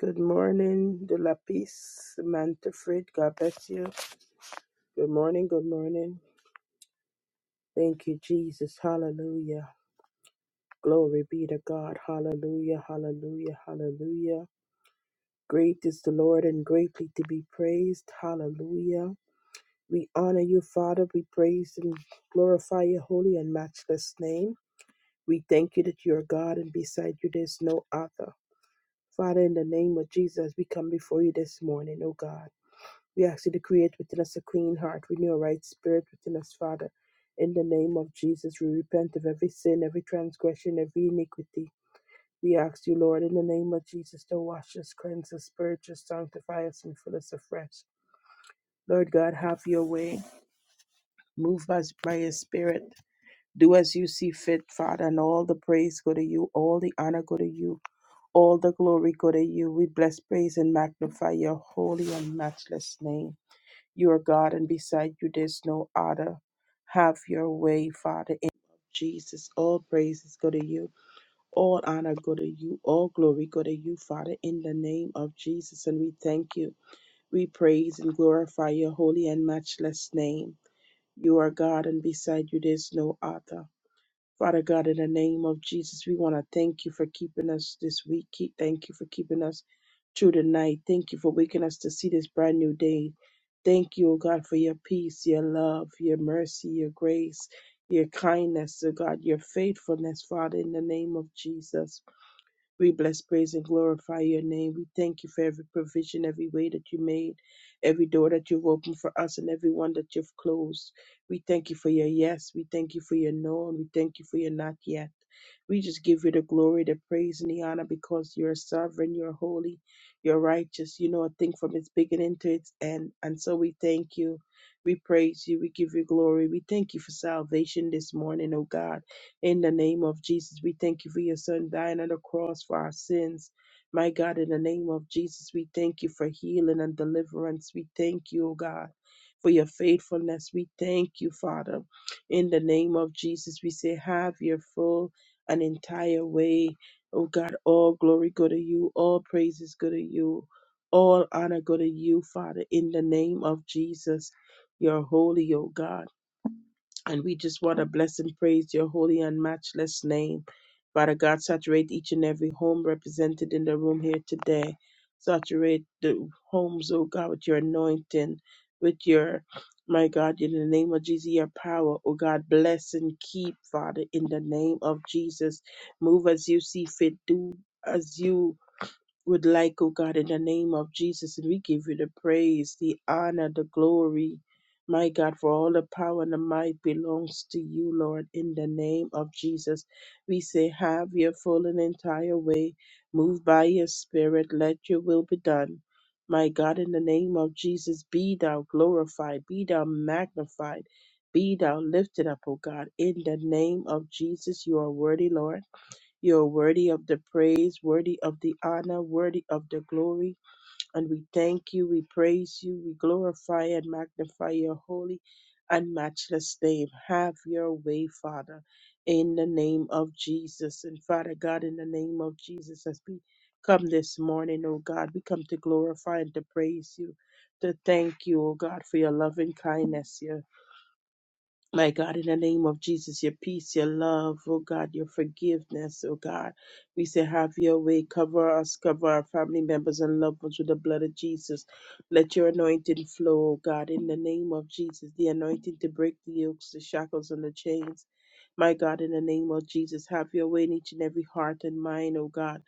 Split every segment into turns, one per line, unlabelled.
Good morning, De La Peace, Mantafrid. God bless you. Good morning, good morning. Thank you, Jesus. Hallelujah. Glory be to God. Hallelujah, hallelujah, hallelujah. Great is the Lord and greatly to be praised. Hallelujah. We honor you, Father. We praise and glorify your holy and matchless name. We thank you that you are God and beside you there's no other. Father, in the name of Jesus, we come before you this morning, oh God. We ask you to create within us a clean heart, renew a right spirit within us, Father. In the name of Jesus, we repent of every sin, every transgression, every iniquity. We ask you, Lord, in the name of Jesus, to wash us, cleanse us, purge us, sanctify us, and fill us afresh. Lord God, have your way. Move us by your Spirit. Do as you see fit, Father, and all the praise go to you, all the honor go to you, all the glory go to you. We bless, praise, and magnify your holy and matchless name. You are God, and beside you there's no other. Have your way, Father. In Jesus, all praises go to you. All honor go to you. All glory go to you, Father, in the name of Jesus. And we thank you. We praise and glorify your holy and matchless name. You are God, and beside you there's no other. Father God, in the name of Jesus, we want to thank you for keeping us this week. Keep- Thank you for keeping us through the night. Thank you for waking us to see this brand new day. Thank you, O God, for your peace, your love, your mercy, your grace, your kindness, O God, your faithfulness, Father, in the name of Jesus. We bless, praise, and glorify your name. We thank you for every provision, every way that you made, every door that you've opened for us, and every one that you've closed. We thank you for your yes. We thank you for your no, and we thank you for your not yet. We just give you the glory, the praise, and the honor because you're sovereign, you're holy, you're righteous. You know a thing from its beginning to its end. And so we thank you. We praise you. We give you glory. We thank you for salvation this morning, oh God. In the name of Jesus, we thank you for your son dying on the cross for our sins. My God, in the name of Jesus, we thank you for healing and deliverance. We thank you, oh God, for your faithfulness. We thank you, Father. In the name of Jesus, we say, have your full and entire way. Oh God, all glory go to you, all praises go to you, all honor go to you, Father, in the name of Jesus. You're holy, oh God. And we just want to bless and praise your holy and matchless name. Father God, saturate each and every home represented in the room here today. Saturate the homes, oh God, with your anointing, with your, my God, in the name of Jesus, your power. Oh God, bless and keep, Father, in the name of Jesus. Move as you see fit. Do as you would like, oh God, in the name of Jesus. And we give you the praise, the honor, the glory. My God, for all the power and the might belongs to you, Lord, in the name of Jesus. We say, have your full and entire way. Move by your spirit. Let your will be done. My God, in the name of Jesus, be thou glorified, be thou magnified, be thou lifted up, O God. In the name of Jesus, you are worthy, Lord. You're worthy of the praise, worthy of the honor, worthy of the glory. And we thank you, we praise you, we glorify and magnify your holy and matchless name. Have your way, Father, in the name of Jesus. And Father God, in the name of Jesus, as we come this morning, oh God, we come to glorify and to praise you, to thank you, oh God, for your loving kindness, your my God, in the name of Jesus, your peace, your love, oh God, your forgiveness, oh God. We say, have your way. Cover us, cover our family members and loved ones with the blood of Jesus. Let your anointing flow, oh God, in the name of Jesus. The anointing to break the yokes, the shackles, and the chains. My God, in the name of Jesus, have your way in each and every heart and mind, oh God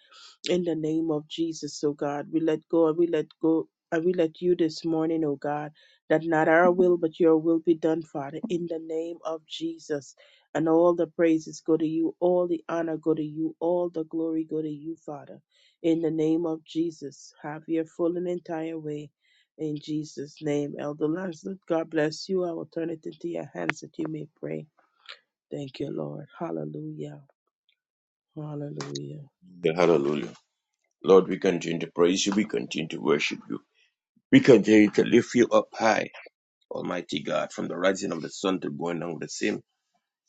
in the name of Jesus, O God. We let go and we let go and we let you this morning, O God, that not our will but your will be done, Father, in the name of Jesus. And all the praises go to you, all the honor go to you, all the glory go to you, Father. In the name of Jesus, have your full and entire way. In Jesus' name, Elder Lancelot, God bless you. I will turn it into your hands that you may pray. Thank you, Lord. Hallelujah. Hallelujah.
Hallelujah. Hallelujah. Lord, we continue to praise you. We continue to worship you. We continue to lift you up high, Almighty God, from the rising of the sun to going down of the same.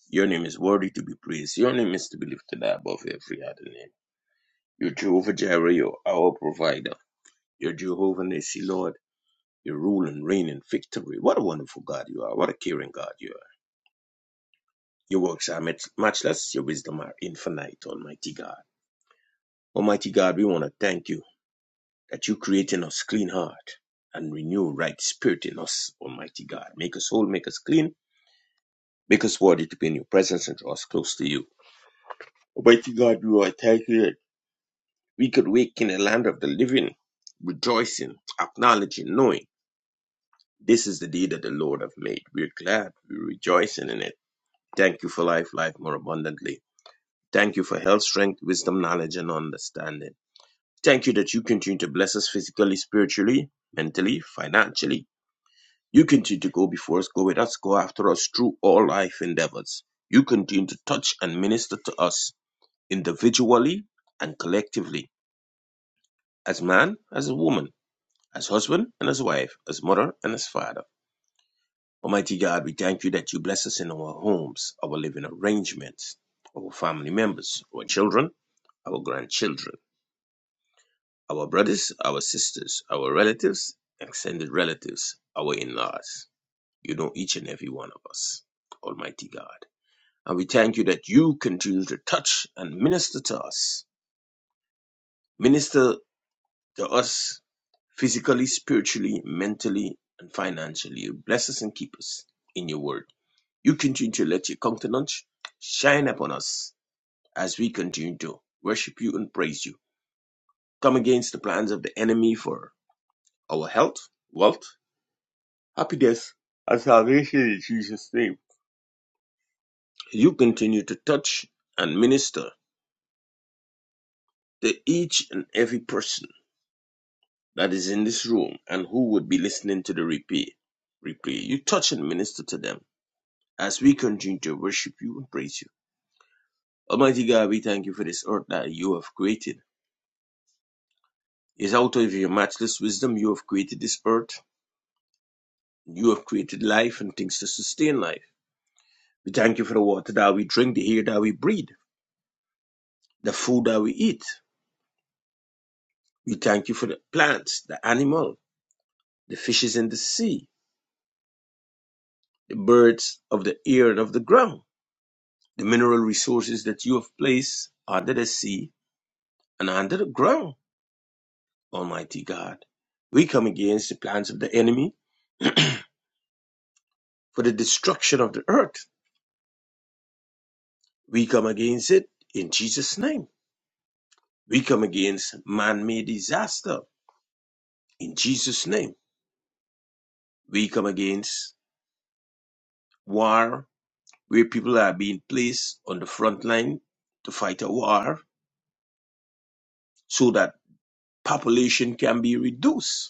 Your name is worthy to be praised. Your name is to be lifted above every other name. You're Jehovah Jireh, you're our provider. You're Jehovah Nissi, Lord. You rule and reign in victory. What a wonderful God you are. What a caring God you are. Your works are much matchless. Your wisdom are infinite, Almighty God. Almighty God, we want to thank you. that you create in us clean heart and renew right spirit in us, Almighty God. Make us whole, make us clean, make us worthy to be in your presence and draw us close to you. Almighty God, we are thankful that we could wake in the land of the living, rejoicing, acknowledging, knowing this is the day that the Lord have made. We're glad, we're rejoicing in it. Thank you for life, life more abundantly. Thank you for health, strength, wisdom, knowledge, and understanding. Thank you that you continue to bless us physically, spiritually, mentally, financially, You continue to go before us, go with us, go after us through all life endeavors. You continue to touch and minister to us individually and collectively, as man, as a woman, as husband and as wife, as mother and as father. Almighty God, we thank you that you bless us in our homes, our living arrangements, our family members, our children, our grandchildren, our brothers, our sisters, our relatives, extended relatives, our in laws. You know each and every one of us, Almighty God. And we thank you that you continue to touch and minister to us. Minister to us physically, spiritually, mentally, and financially. You bless us and keep us in your word. You continue to let your countenance shine upon us as we continue to worship you and praise you. Come against the plans of the enemy for our health, wealth, happiness, and salvation in Jesus' name. You continue to touch and minister to each and every person that is in this room and who would be listening to the replay. Replay. You touch and minister to them as we continue to worship you and praise you. Almighty God, we thank you for this earth that you have created. It's out of your matchless wisdom you have created this earth. You have created life and things to sustain life. We thank you for the water that we drink, the air that we breathe, the food that we eat. We thank you for the plants, the animal, the fishes in the sea, the birds of the air and of the ground. The mineral resources that you have placed under the sea and under the ground, Almighty God. We come against the plans of the enemy for the destruction of the earth. We come against it in Jesus' name. We come against man made disaster in Jesus' name. We come against war where people are being placed on the front line to fight a war so that population can be reduced.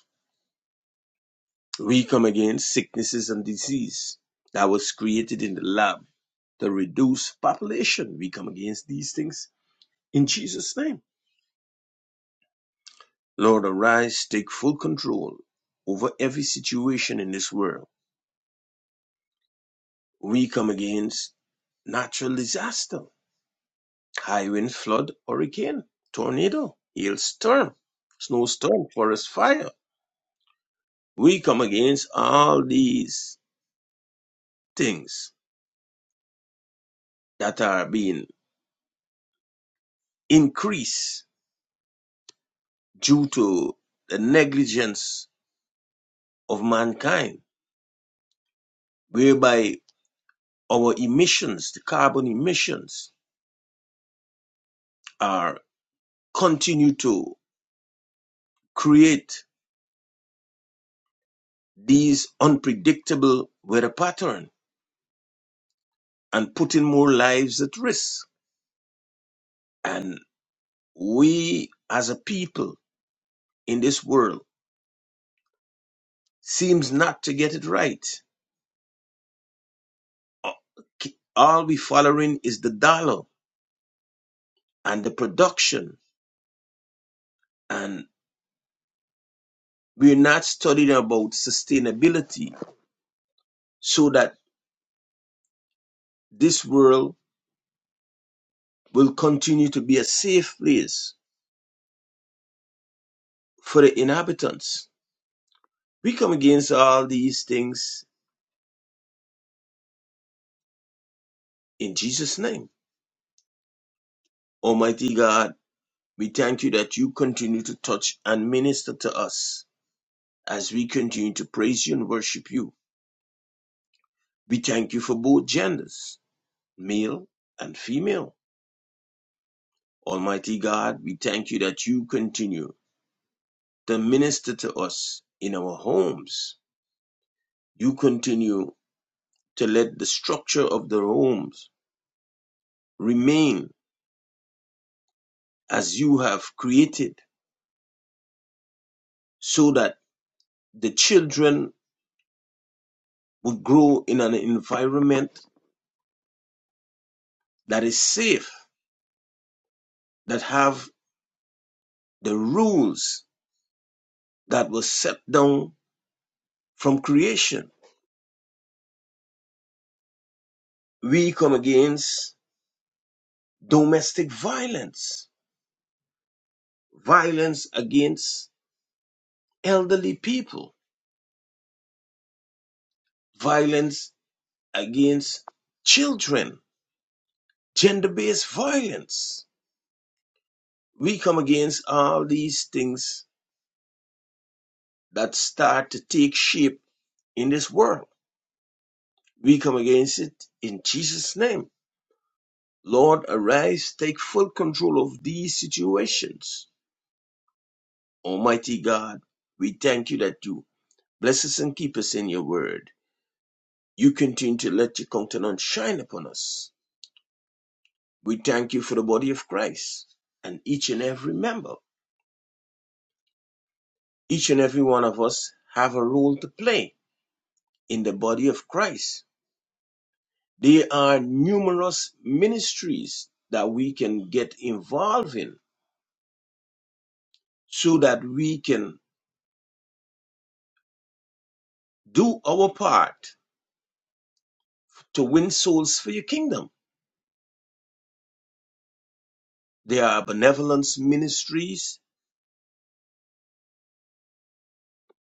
We come against sicknesses and disease that was created in the lab to reduce population. We come against these things in Jesus' name. Lord, arise, take full control over every situation in this world. We come against natural disaster, high wind, flood, hurricane, tornado, hailstorm, snowstorm, forest fire. We come against all these things that are being increased due to the negligence of mankind, whereby our emissions, the carbon emissions, are continue to create these unpredictable weather pattern and putting more lives at risk. And we as a people in this world seems not to get it right. All we following is the dollar and the production and we're not studying about sustainability so that this world will continue to be a safe place for the inhabitants. We come against all these things in Jesus' name. Almighty God, we thank you that you continue to touch and minister to us as we continue to praise you and worship you. We thank you for both genders, male and female. Almighty God, we thank you that you continue to minister to us in our homes. You continue to let the structure of their homes remain as you have created so that the children will grow in an environment that is safe, that have the rules that were set down from creation. We come against domestic violence, violence against elderly people, violence against children, gender based violence we come against all these things that start to take shape in this world. We come against it in Jesus' name. Lord, arise, take full control of these situations. Almighty God, we thank you that you bless us and keep us in your word. You continue to let your countenance shine upon us. We thank you for the body of Christ and each and every member. Each and every one of us have a role to play in the body of Christ There are numerous ministries that we can get involved in so that we can do our part to win souls for your kingdom. There are benevolence ministries,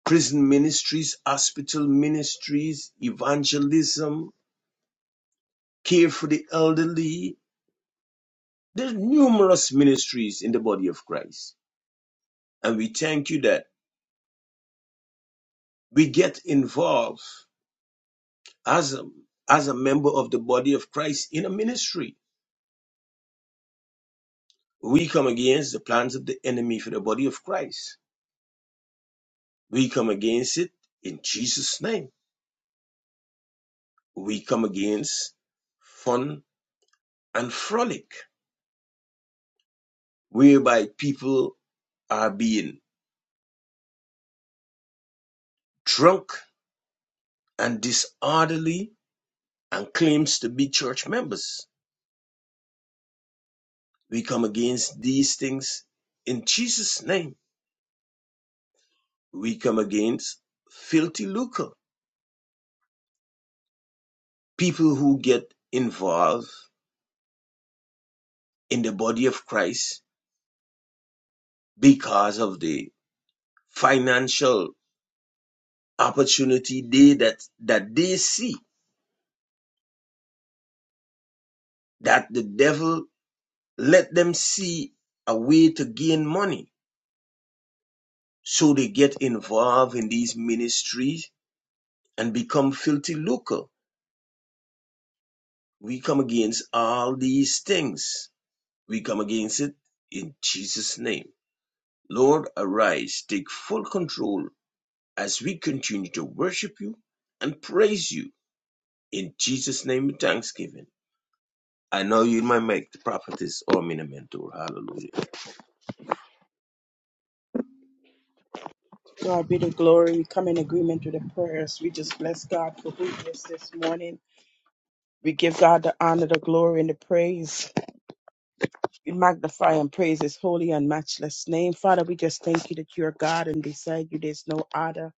prison ministries, hospital ministries, evangelism, care for the elderly. There are numerous ministries in the body of Christ. And we thank you that we get involved as a, as a member of the body of Christ in a ministry We come against the plans of the enemy for the body of Christ. We come against it in Jesus' name. We come against fun and frolic, whereby people are being drunk and disorderly and claims to be church members. We come against these things in Jesus' name. We come against filthy lucre, people who get involved in the body of Christ because of the financial opportunity they that that they see that the devil let them see a way to gain money so they get involved in these ministries and become filthy lucre we come against all these things we come against it in jesus name lord arise take full control as we continue to worship you and praise you in jesus name with thanksgiving I know you might make the prophetess or mentor. Hallelujah.
God be the glory. We come in agreement with the prayers. We just bless God for who He is this morning. We give God the honor, the glory, and the praise. We magnify and praise His holy and matchless name. Father, we just thank you that you are God and beside you there's no other.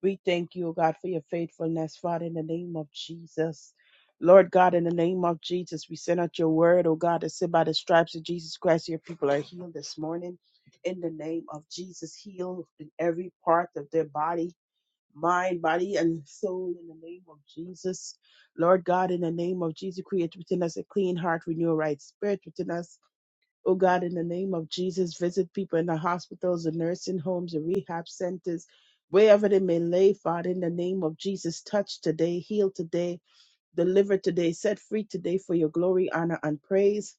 We thank you, O God, for your faithfulness, Father, in the name of Jesus. Lord God, in the name of Jesus, we send out your word, O God, to say by the stripes of Jesus Christ, your people are healed this morning. In the name of Jesus, heal in every part of their body mind, body, and soul in the name of Jesus. Lord God, in the name of Jesus, create within us a clean heart, renew a right spirit within us. Oh God, in the name of Jesus, visit people in the hospitals, the nursing homes, the rehab centers, wherever they may lay, Father, in the name of Jesus, touch today, heal today, deliver today, set free today for your glory, honor, and praise.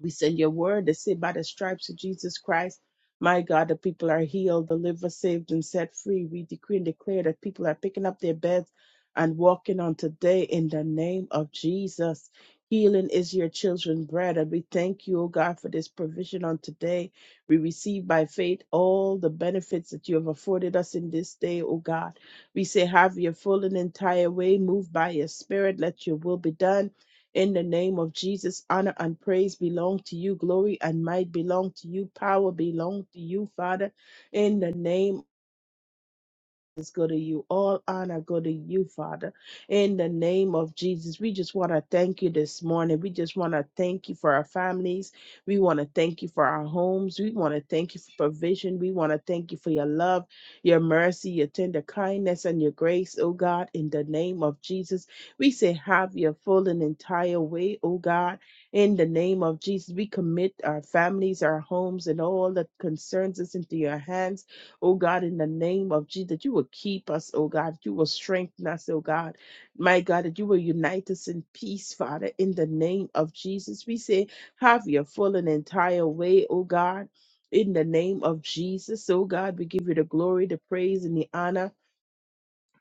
We send your word to say by the stripes of Jesus Christ, my God, the people are healed, delivered, saved, and set free. We decree and declare that people are picking up their beds and walking on today in the name of Jesus. Healing is your children's bread, and we thank you, O God, for this provision on today. We receive by faith all the benefits that you have afforded us in this day, O God. We say, Have your full and entire way, move by your spirit, let your will be done in the name of Jesus, honor and praise belong to you. Glory and might belong to you. Power belong to you, Father. In the name is go to you. All honor go to you, Father. In the name of Jesus, we just want to thank you this morning. We just want to thank you for our families. We want to thank you for our homes. We want to thank you for provision. We want to thank you for your love, your mercy, your tender kindness, and your grace, oh God. In the name of Jesus, we say, have your full and entire way, oh God. In the name of Jesus, we commit our families, our homes, and all that concerns us into your hands oh God, in the name of Jesus, that you will keep us, oh God, that you will strengthen us, oh God, my God, that you will unite us in peace, Father, in the name of Jesus. We say, have your full and entire way, oh God. In the name of Jesus, oh God, we give you the glory, the praise, and the honor.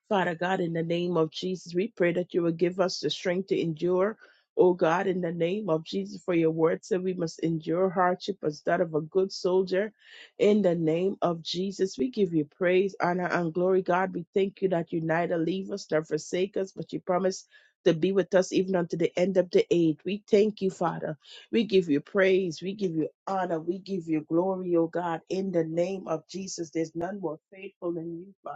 Father God, in the name of Jesus, we pray that you will give us the strength to endure. Oh God, in the name of Jesus, for your word said we must endure hardship as that of a good soldier. In the name of Jesus, we give you praise, honor, and glory. God, we thank you that you neither leave us nor forsake us, but you promise to be with us even unto the end of the age. We thank you, Father. We give you praise. We give you honor. We give you glory, oh God, in the name of Jesus. There's none more faithful than you, Father.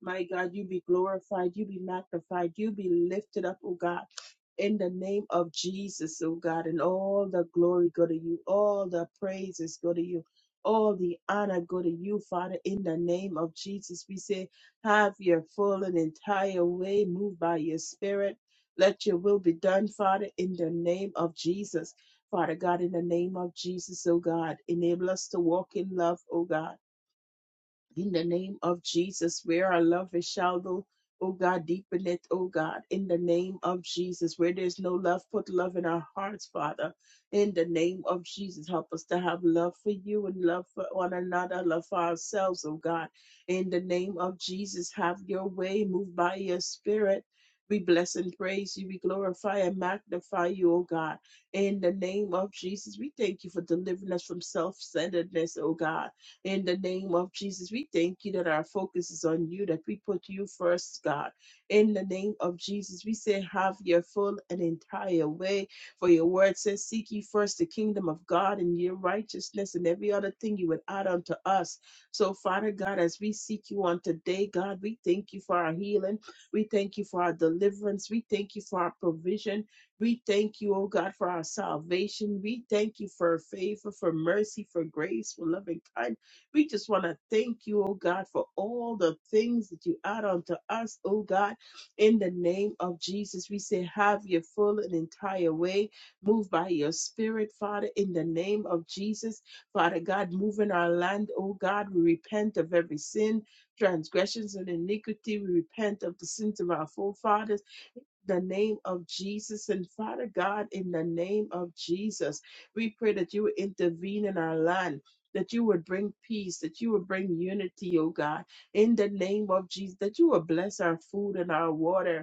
My God, you be glorified, you be magnified, you be lifted up, oh God. In the name of Jesus, oh God, and all the glory go to you, all the praises go to you, all the honor go to you, Father. In the name of Jesus, we say, have your full and entire way, moved by your spirit. Let your will be done, Father, in the name of Jesus. Father God, in the name of Jesus, oh God, enable us to walk in love, oh God in the name of Jesus, where our love is shallow, oh God, deepen it, oh God, in the name of Jesus, where there's no love, put love in our hearts, Father, in the name of Jesus, help us to have love for you and love for one another, love for ourselves, oh God, in the name of Jesus, have your way, move by your spirit. We bless and praise you. We glorify and magnify you, oh God. In the name of Jesus, we thank you for delivering us from self centeredness, oh God in the name of Jesus, we thank you that our focus is on you, that we put you first, God. In the name of Jesus, we say, have your full and entire way. For your word says, seek ye first the kingdom of God and your righteousness and every other thing you would add unto us. So, Father God, as we seek you on today, God, we thank you for our healing. We thank you for our deliverance. We thank you for our provision. We thank you, oh God, for our salvation. We thank you for favor, for mercy, for grace, for loving kindness. We just want to thank you, oh God, for all the things that you add unto us, oh God. In the name of Jesus, we say, have your full and entire way. Move by your spirit, Father, in the name of Jesus. Father God, move in our land, oh God. We repent of every sin, transgressions, and iniquity. We repent of the sins of our forefathers the name of Jesus. And Father God, in the name of Jesus, we pray that you would intervene in our land. That you would bring peace, that you would bring unity, oh God, in the name of Jesus, that you would bless our food and our water,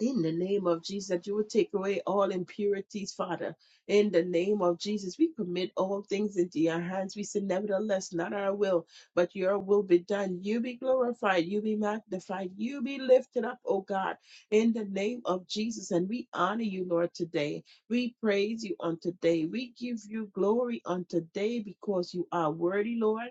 in the name of Jesus, that you would take away all impurities, Father. In the name of Jesus, we commit all things into your hands. We say, nevertheless, not our will, but your will be done. You be glorified, you be magnified, you be lifted up, O God, in the name of Jesus. And we honor you, Lord, today. We praise you on today. We give you glory on today because you are worthy, Lord.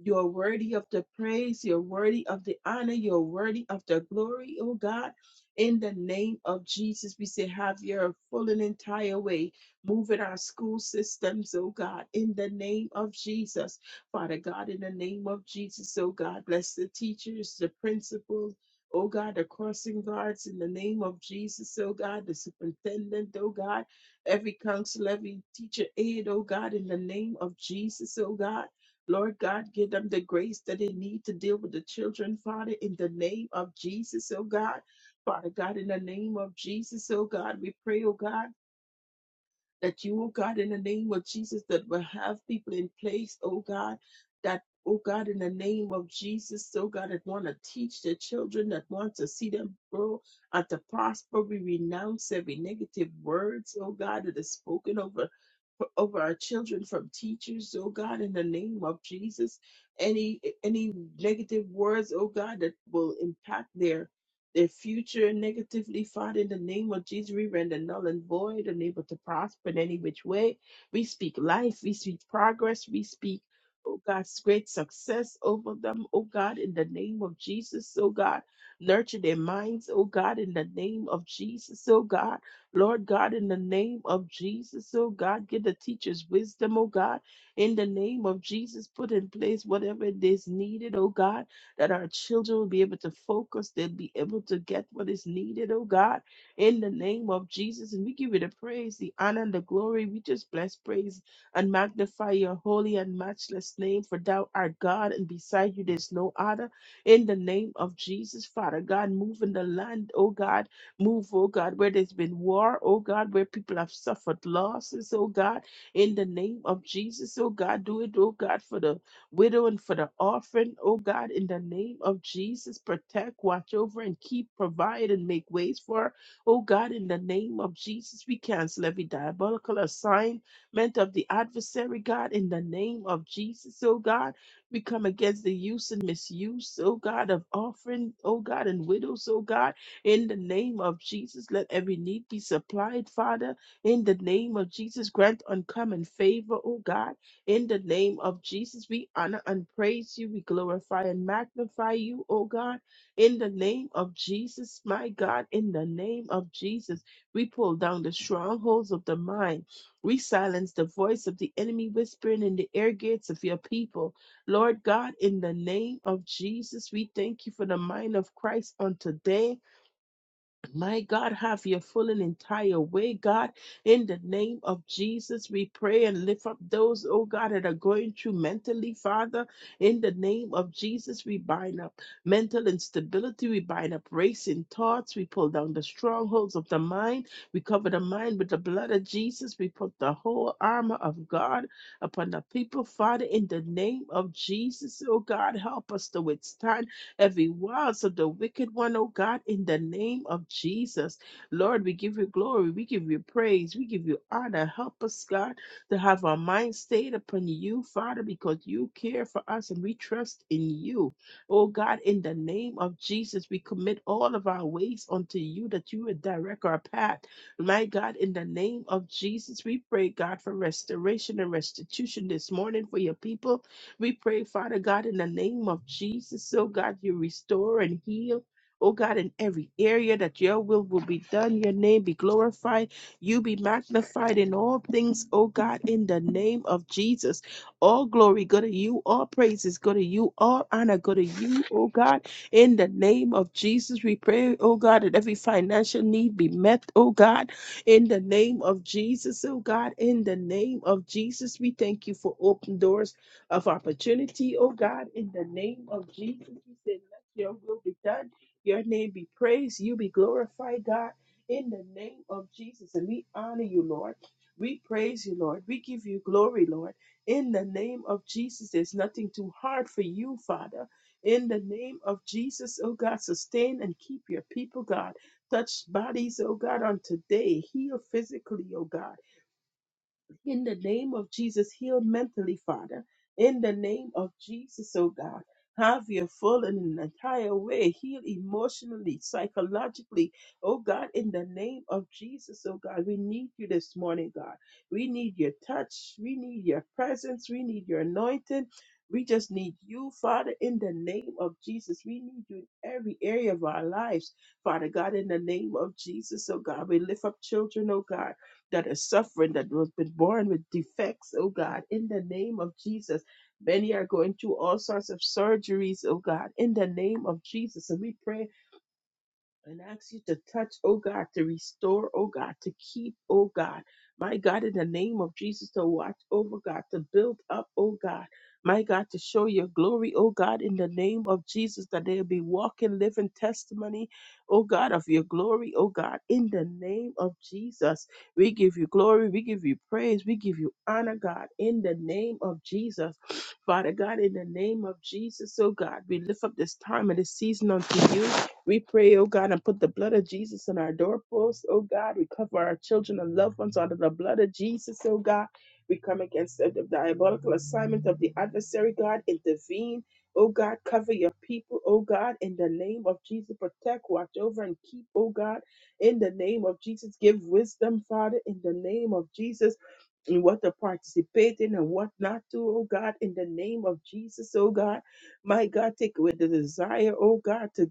You're worthy of the praise. You're worthy of the honor. You're worthy of the glory, O God. In the name of Jesus, we say, have your full and entire way. Move in our school systems, oh God, in the name of Jesus. Father God, in the name of Jesus, oh God, bless the teachers, the principals, oh God, the crossing guards, in the name of Jesus, oh God, the superintendent, oh God, every council, every teacher aid, oh God, in the name of Jesus, oh God. Lord God, give them the grace that they need to deal with the children, Father, in the name of Jesus, oh God. Father God, in the name of Jesus, oh God, we pray, oh God, that you, oh God, in the name of Jesus, that will have people in place, oh God, that, oh God, in the name of Jesus, oh God, that want to teach their children, that want to see them grow and to prosper. We renounce every negative words, oh God, that is spoken over. Over our children from teachers, oh God, in the name of Jesus, any any negative words, oh God, that will impact their their future negatively fought in the name of Jesus, we render null and void, unable to prosper in any which way. We speak life, we speak progress, we speak, oh God's great success over them, oh God, in the name of Jesus, oh God. Nurture their minds, oh God, in the name of Jesus, oh God. Lord God, in the name of Jesus, oh God, give the teachers wisdom, oh God, in the name of Jesus, put in place whatever it is needed, oh God that our children will be able to focus, they'll be able to get what is needed, oh God, in the name of Jesus. And we give you the praise, the honor, and the glory. We just bless, praise, and magnify your holy and matchless name, for thou art God, and beside you there's no other. In the name of Jesus, Father God, move in the land, oh God, move, oh God, where there's been war, oh God, where people have suffered losses, oh God, in the name of Jesus, oh God, do it, oh God, for the widow and for the orphan, oh God, in the name of Jesus. Protect, watch over, and keep, provide, and make ways for, her. oh God, in the name of Jesus. We cancel every diabolical assignment of the adversary, God, in the name of Jesus, oh God. We come against the use and misuse, oh God, of orphan, oh God, and widows, oh God, in the name of Jesus. Let every need be supplied, Father, in the name of Jesus. Grant uncommon favor, oh God in the name of Jesus, we honor and praise you. We glorify and magnify you, O God. In the name of Jesus, my God, in the name of Jesus, we pull down the strongholds of the mind. We silence the voice of the enemy whispering in the ear gates of your people. Lord God, in the name of Jesus, we thank you for the mind of Christ on today. My God, have your full and entire way, God. In the name of Jesus, we pray and lift up those, oh God, that are going through mentally, Father. In the name of Jesus, we bind up mental instability, we bind up racing thoughts, we pull down the strongholds of the mind, we cover the mind with the blood of Jesus, we put the whole armor of God upon the people, Father. In the name of Jesus, oh God, help us to withstand every wiles of the wicked one, oh God, in the name of Jesus. Lord, we give you glory, we give you praise, we give you honor. Help us, God, to have our mind stayed upon you, Father, because you care for us and we trust in you. Oh God, in the name of Jesus, we commit all of our ways unto you that you would direct our path. My God, in the name of Jesus, we pray, God, for restoration and restitution this morning for your people we pray, Father God, in the name of Jesus, oh God, you restore and heal. Oh God, in every area that your will will be done, your name be glorified, you be magnified in all things, oh God, in the name of Jesus. All glory go to you, all praises go to you, all honor go to you, oh God, in the name of Jesus. We pray, oh God, that every financial need be met, oh God, in the name of Jesus, oh God, in the name of Jesus, we thank you for open doors of opportunity, oh God, in the name of Jesus. We said, let your will be done. Your name be praised. You be glorified, God, in the name of Jesus. And we honor you, Lord. We praise you, Lord. We give you glory, Lord. In the name of Jesus, there's nothing too hard for you, Father. In the name of Jesus, oh God, sustain and keep your people, God. Touch bodies, oh God, on today. Heal physically, oh God. In the name of Jesus, heal mentally, Father. In the name of Jesus, oh God. Have your full and an entire way. Heal emotionally, psychologically. Oh God, in the name of Jesus, oh God, we need you this morning, God. We need your touch. We need your presence. We need your anointing. We just need you, Father, in the name of Jesus. We need you in every area of our lives, Father God, in the name of Jesus, oh God. We lift up children, oh God that is suffering, that was been born with defects, oh God, in the name of Jesus. Many are going through all sorts of surgeries, oh God, in the name of Jesus. And we pray and ask you to touch, oh God, to restore, oh God, to keep, oh God. My God, in the name of Jesus, to watch over, God, to build up, oh God. My God, to show your glory, oh God, in the name of Jesus, that they'll be walking, living testimony, oh God, of your glory, oh God, in the name of Jesus. We give you glory, we give you praise, we give you honor, God, in the name of Jesus. Father God, in the name of Jesus, oh God, we lift up this time and this season unto you. We pray, oh God, and put the blood of Jesus on our doorposts, oh God. We cover our children and loved ones under the blood of Jesus, oh God. We come against the the diabolical assignment of the adversary, God. Intervene, oh God. Cover your people, oh God, in the name of Jesus. Protect, watch over, and keep, oh God, in the name of Jesus. Give wisdom, Father, in the name of Jesus in what to participate in and what not to, oh God, in the name of Jesus, oh God. My God, take away the desire, oh God, to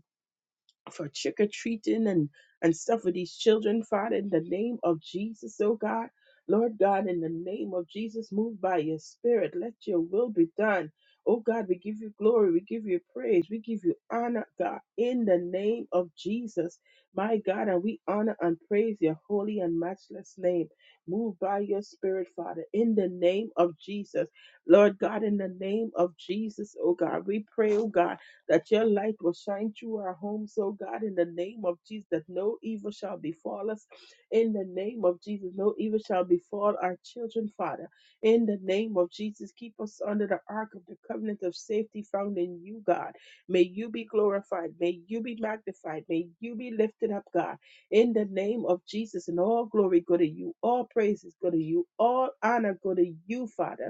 for trick or treating and and stuff with these children, Father, in the name of Jesus, oh God. Lord God, in the name of Jesus, move by your spirit. Let your will be done. Oh God, we give you glory. We give you praise. We give you honor, God, in the name of Jesus. My God, and we honor and praise your holy and matchless name. Move by your spirit, Father, in the name of Jesus. Lord God, in the name of Jesus, oh God, we pray, oh God that your light will shine through our homes, oh God, in the name of Jesus, that no evil shall befall us. In the name of Jesus, no evil shall befall our children, Father. In the name of Jesus, keep us under the ark of the covenant of safety found in you, God. May you be glorified. May you be magnified. May you be lifted up, God. In the name of Jesus, and all glory go to you. All praises go to you. All honor go to you, Father.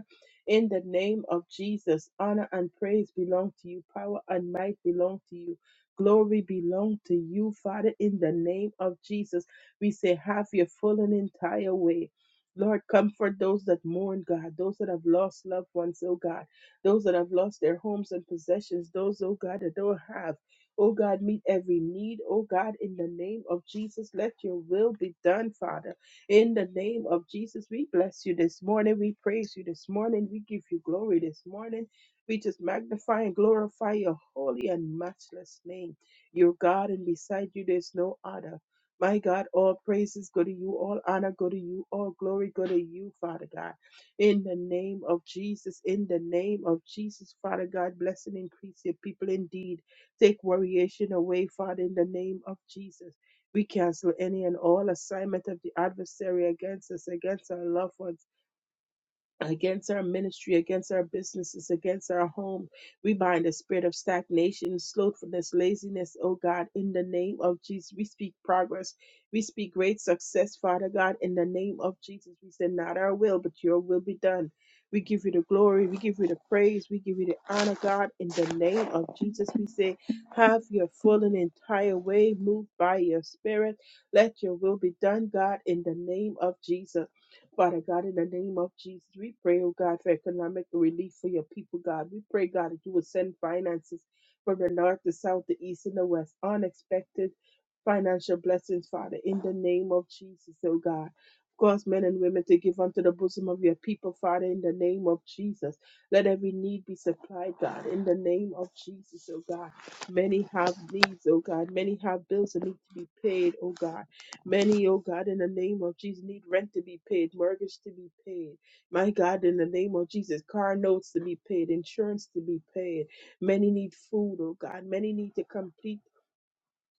In the name of Jesus, honor and praise belong to you, power and might belong to you, glory belong to you, Father. In the name of Jesus, we say, have your full and entire way. Lord, comfort those that mourn, God, those that have lost loved ones, oh God, those that have lost their homes and possessions, those, oh God, that don't have. Oh God, meet every need. Oh God, in the name of Jesus, let your will be done, Father. In the name of Jesus, we bless you this morning. We praise you this morning. We give you glory this morning. We just magnify and glorify your holy and matchless name. Your God, and beside you, there's no other. My God, all praises go to you, all honor go to you, all glory go to you, Father God. In the name of Jesus, in the name of Jesus, Father God, bless and increase your people indeed. Take variation away, Father, in the name of Jesus. We cancel any and all assignment of the adversary against us, against our loved ones against our ministry, against our businesses, against our home. We bind the spirit of stagnation, slothfulness, laziness, oh God, in the name of Jesus. We speak progress. We speak great success, Father God, in the name of Jesus. We say, not our will, but your will be done. We give you the glory. We give you the praise. We give you the honor, God, in the name of Jesus. We say, have your full and entire way moved by your spirit. Let your will be done, God, in the name of Jesus. Father God, in the name of Jesus, we pray, oh God, for economic relief for your people, God. We pray, God, that you will send finances from the north, the south, the east, and the west. Unexpected financial blessings, Father, in the name of Jesus, oh God. Cause men and women to give unto the bosom of your people, Father, in the name of Jesus. Let every need be supplied, God, in the name of Jesus, oh God. Many have needs, oh God. Many have bills that need to be paid, oh God. Many, oh God, in the name of Jesus, need rent to be paid, mortgage to be paid. My God, in the name of Jesus, car notes to be paid, insurance to be paid. Many need food, oh God. Many need to complete.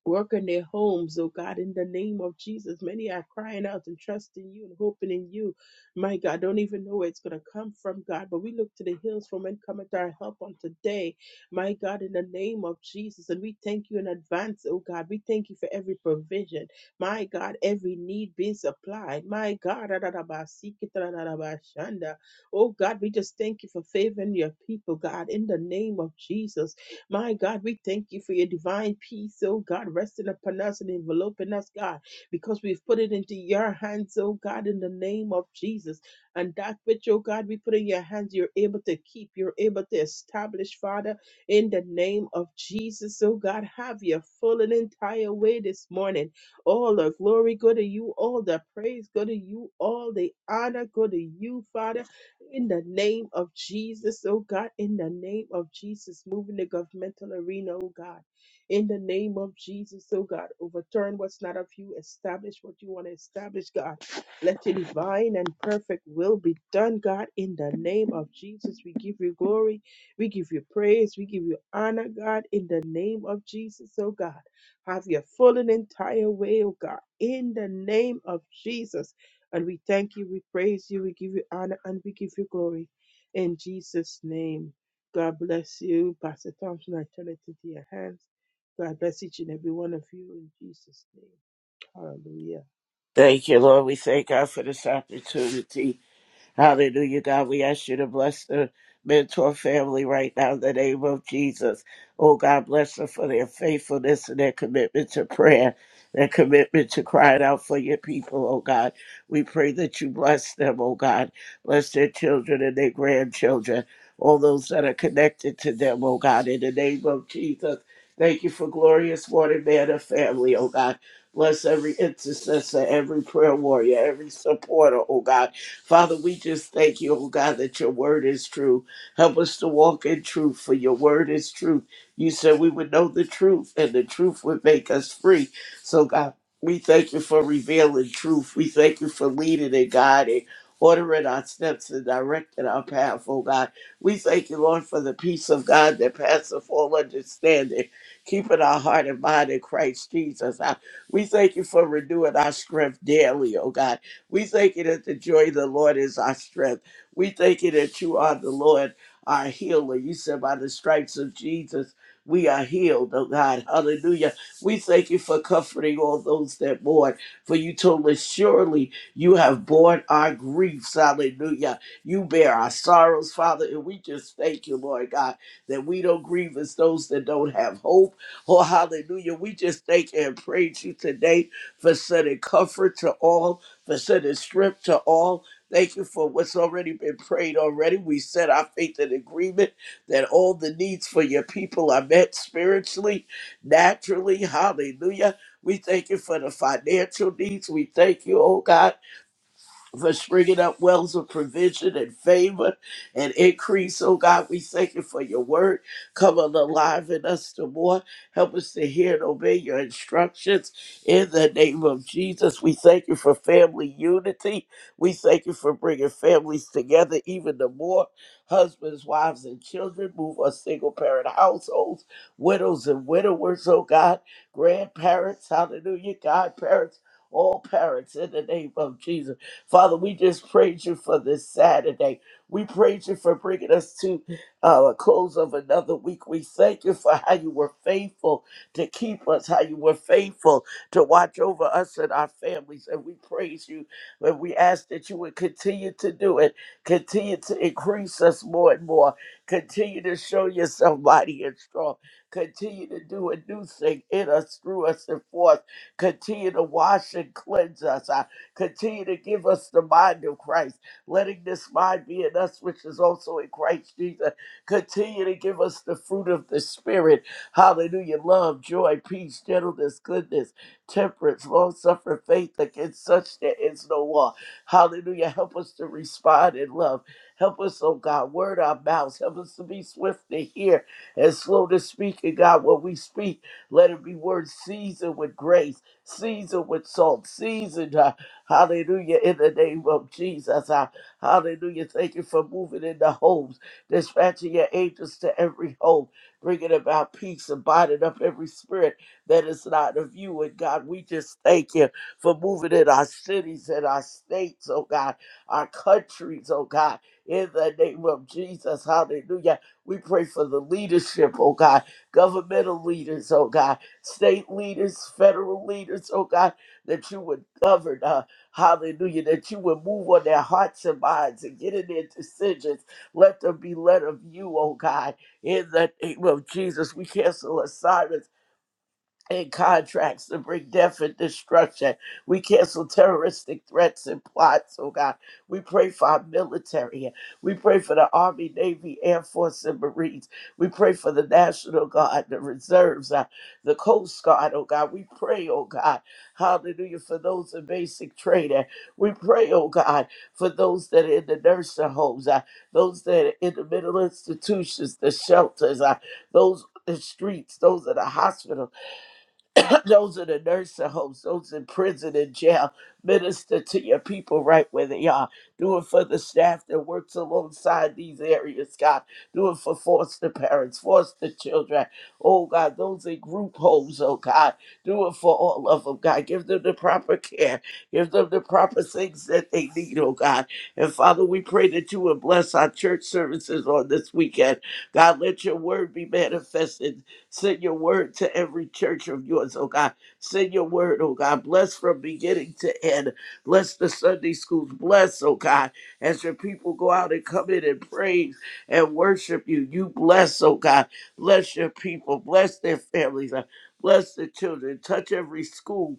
Work in their homes, oh God, in the name of Jesus. Many are crying out and trusting you and hoping in you. My God, don't even know where it's going to come from, God, but we look to the hills from when cometh our help on today. My God, in the name of Jesus. And we thank you in advance, oh God. We thank you for every provision. My God, every need being supplied. My God, oh God, we just thank you for favoring your people, God, in the name of Jesus. My God, we thank you for your divine peace, oh God, resting upon us and enveloping us, God, because we've put it into your hands, oh God, in the name of Jesus. And that which, oh God, we put in your hands, you're able to keep, you're able to establish, Father, in the name of Jesus, oh God, have your full and entire way this morning. All the glory go to you, all the praise go to you, all the honor go to you, Father in the name of Jesus, oh God, in the name of Jesus, moving the governmental arena, oh God, in the name of Jesus, oh God, overturn what's not of you, establish what you want to establish, God. Let your divine and perfect will be done, God, in the name of Jesus. We give you glory, we give you praise, we give you honor, God, in the name of Jesus, oh God. Have your full and entire way, oh God, in the name of Jesus. And we thank you, we praise you, we give you honor, and we give you glory. In Jesus' name, God bless you. Pastor Thompson, I turn it into your hands. God bless each and every one of you in Jesus' name. Hallelujah.
Thank you, Lord. We thank God for this opportunity. Hallelujah, God. We ask you to bless the mentor family right now in the name of Jesus. Oh, God, bless them for their faithfulness and their commitment to prayer, their commitment to crying out for your people, oh, God. We pray that you bless them, oh, God. Bless their children and their grandchildren, all those that are connected to them, oh, God, in the name of Jesus. Thank you for glorious morning, man of family, oh, God. Bless every intercessor, every prayer warrior, every supporter, oh God. Father, we just thank you, oh God, that your word is true. Help us to walk in truth, for your word is truth. You said we would know the truth, and the truth would make us free. So, God, we thank you for revealing truth. We thank you for leading and guiding, ordering our steps and directing our path, oh God. We thank you, Lord, for the peace of God that passeth all understanding, keeping our heart and mind in Christ Jesus. I- We thank you for renewing our strength daily, oh God. We thank you that the joy of the Lord is our strength. We thank you that you are the Lord, our healer. You said, by the stripes of Jesus, we are healed, oh God. Hallelujah. We thank you for comforting all those that mourn. For you told us, surely you have borne our griefs. Hallelujah. You bear our sorrows, Father. And we just thank you, Lord God, that we don't grieve as those that don't have hope. Oh, hallelujah. We just thank and praise you today for sending comfort to all for sending strength to all. Thank you for what's already been prayed already. We set our faith in agreement that all the needs for your people are met spiritually, naturally. Hallelujah. We thank you for the financial needs. We thank you, oh God for springing up wells of provision and favor and increase. Oh God, we thank you for your word. Come on alive in us the more. Help us to hear and obey your instructions in the name of Jesus. We thank you for family unity. We thank you for bringing families together even the more. Husbands, wives, and children, move us single parent households, widows and widowers, oh God, grandparents, hallelujah, godparents, all parents in the name of Jesus. Father, we just praise you for this Saturday. We praise you for bringing us to uh, a close of another week. We thank you for how you were faithful to keep us, how you were faithful to watch over us and our families. And we praise you. And we ask that you would continue to do it, continue to increase us more and more, continue to show yourself mighty and strong, continue to do a new thing in us, through us, and for us. Continue to wash and cleanse us. Continue to give us the mind of Christ, letting this mind be in us, which is also in Christ Jesus. Continue to give us the fruit of the Spirit. Hallelujah. Love, joy, peace, gentleness, goodness, temperance, long suffering, faith. Against such there is no law. Hallelujah. Help us to respond in love. Help us, oh God, word our mouths. Help us to be swift to hear and slow to speak. And God, when we speak, let it be words seasoned with grace, seasoned with salt, seasoned. Hallelujah. In the name of Jesus. Ah, Hallelujah. Thank you for moving in the homes, dispatching your angels to every home, bringing about peace and binding up every spirit that is not of you. And God, we just thank you for moving in our cities and our states, oh God, our countries, oh God. In the name of Jesus. Hallelujah. We pray for the leadership, oh God, governmental leaders, oh God, state leaders, federal leaders, oh God, that you would govern us Hallelujah, that you would move on their hearts and minds and get in their decisions. Let them be led of you, oh God. In the name of Jesus, we cancel assignments and contracts to bring death and destruction. We cancel terroristic threats and plots, oh God. We pray for our military. We pray for the Army, Navy, Air Force, and Marines. We pray for the National Guard, the Reserves, uh, the Coast Guard, oh God. We pray, oh God, hallelujah, for those in basic training. We pray, oh God, for those that are in the nursing homes, uh, those that are in the mental institutions, the shelters, uh, those in the streets, those in the hospital those are the nursing homes, those in prison and jail. Minister to your people right where they are. Do it for the staff that works alongside these areas, God. Do it for foster parents, foster children. Oh, God, those in group homes, oh, God. Do it for all of them, God. Give them the proper care. Give them the proper things that they need, oh, God. And Father, we pray that you would bless our church services on this weekend. God, let your word be manifested Send your word to every church of yours, oh God. Send your word, oh God. Bless from beginning to end. Bless the Sunday schools. Bless, oh God, as your people go out and come in and praise and worship you. You bless, oh God. Bless your people. Bless their families. uh, Bless the children. Touch every school.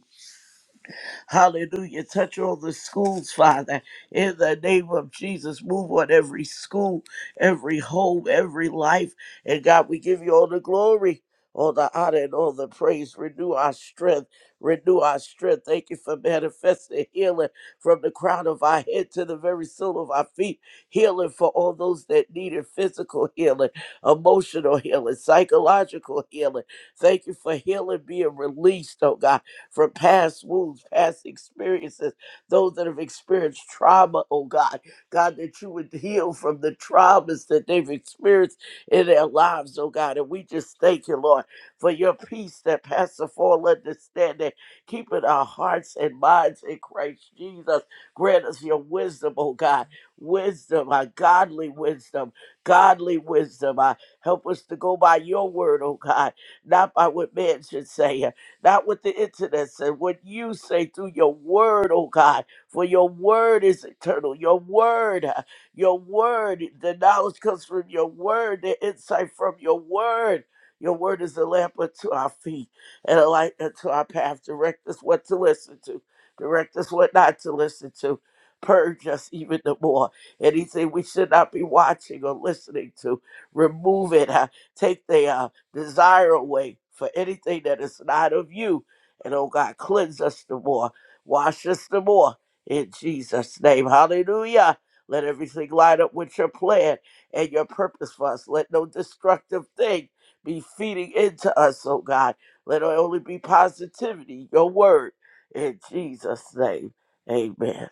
Hallelujah. Touch all the schools, Father, in the name of Jesus. Move on every school, every home, every life. And God, we give you all the glory. All the honor and all the praise. Renew our strength. Renew our strength. Thank you for manifesting healing from the crown of our head to the very sole of our feet. Healing for all those that needed physical healing, emotional healing, psychological healing. Thank you for healing being released, oh God from past wounds, past experiences, those that have experienced trauma, oh God. God, that you would heal from the traumas that they've experienced in their lives, oh God. And we just thank you, Lord, for your peace that passeth all understanding, keeping our hearts and minds in Christ Jesus. Grant us your wisdom, oh God. Wisdom, our godly wisdom, godly wisdom. Uh, help us to go by your word, oh God, not by what man should say not what the internet said, what you say through your word, oh God. For your word is eternal. Your word, uh, your word, the knowledge comes from your word, the insight from your word. Your word is a lamp unto our feet and a light unto our path. Direct us what to listen to, direct us what not to listen to. Purge us even the more. Anything we should not be watching or listening to, remove it. uh, take the uh, desire away for anything that is not of you. And oh God, cleanse us the more, wash us the more in Jesus' name. Hallelujah. Let everything line up with your plan and your purpose for us. Let no destructive thing be feeding into us, oh God. Let it only be positivity, your word, in Jesus' name. Amen.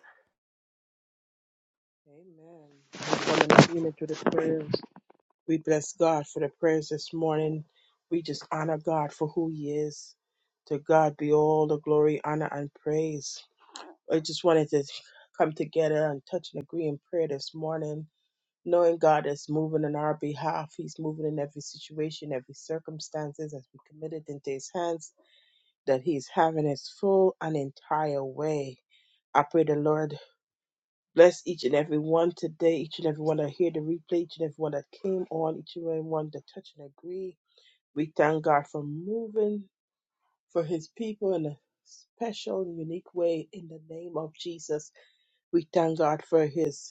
Amen. We Come in agreement with the prayers. We bless God for the prayers this morning. We just honor God for who He is. To God be all the glory, honor, and praise. I just wanted to come together and touch and agree in prayer this morning knowing God is moving on our behalf. He's moving in every situation, every circumstances as we committed into His hands, that He's having His full and entire way. I pray the Lord bless each and every one today, each and every one that hear the replay, each and every one that came on, each and every one that touch and agree. We thank God for moving for His people in a special, unique way in the name of Jesus. We thank God for His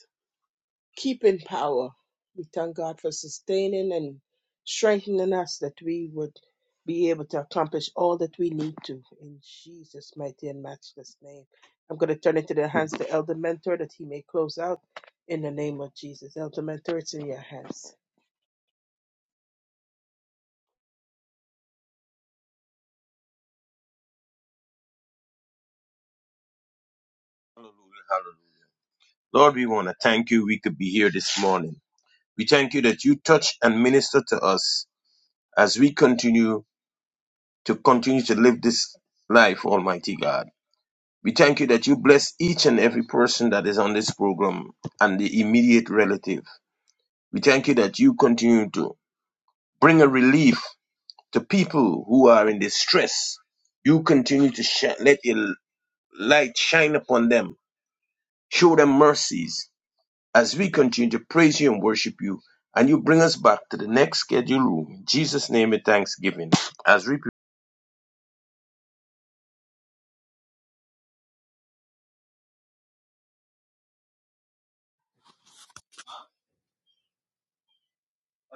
keep in power. We thank God for sustaining and strengthening us that we would be able to accomplish all that we need to in Jesus' mighty and matchless name. I'm going to turn it to the hands of Elder Mentor that he may close out in the name of Jesus. Elder Mentor, it's in your hands.
Hallelujah. Hallelujah. Lord, we want to thank you. We could be here this morning. We thank you that you touch and minister to us as we continue to continue to live this life, Almighty God. We thank you that you bless each and every person that is on this program and the immediate relative. We thank you that you continue to bring a relief to people who are in distress. You continue to shine, let your light shine upon them. Show them mercies as we continue to praise you and worship you. And you bring us back to the next scheduled room. In Jesus' name and thanksgiving. As we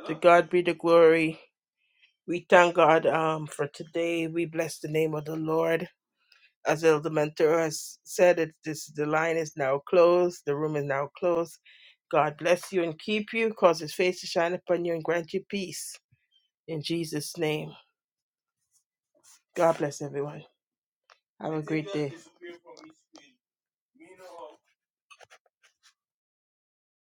To God be the glory. We thank God um, for today. We bless the name of the Lord. as Elder Mentor has said, it, this, the line is now closed. The room is now closed. God bless you and keep you, cause his face to shine upon you and grant you peace. In Jesus' name. God bless everyone. Have a great day.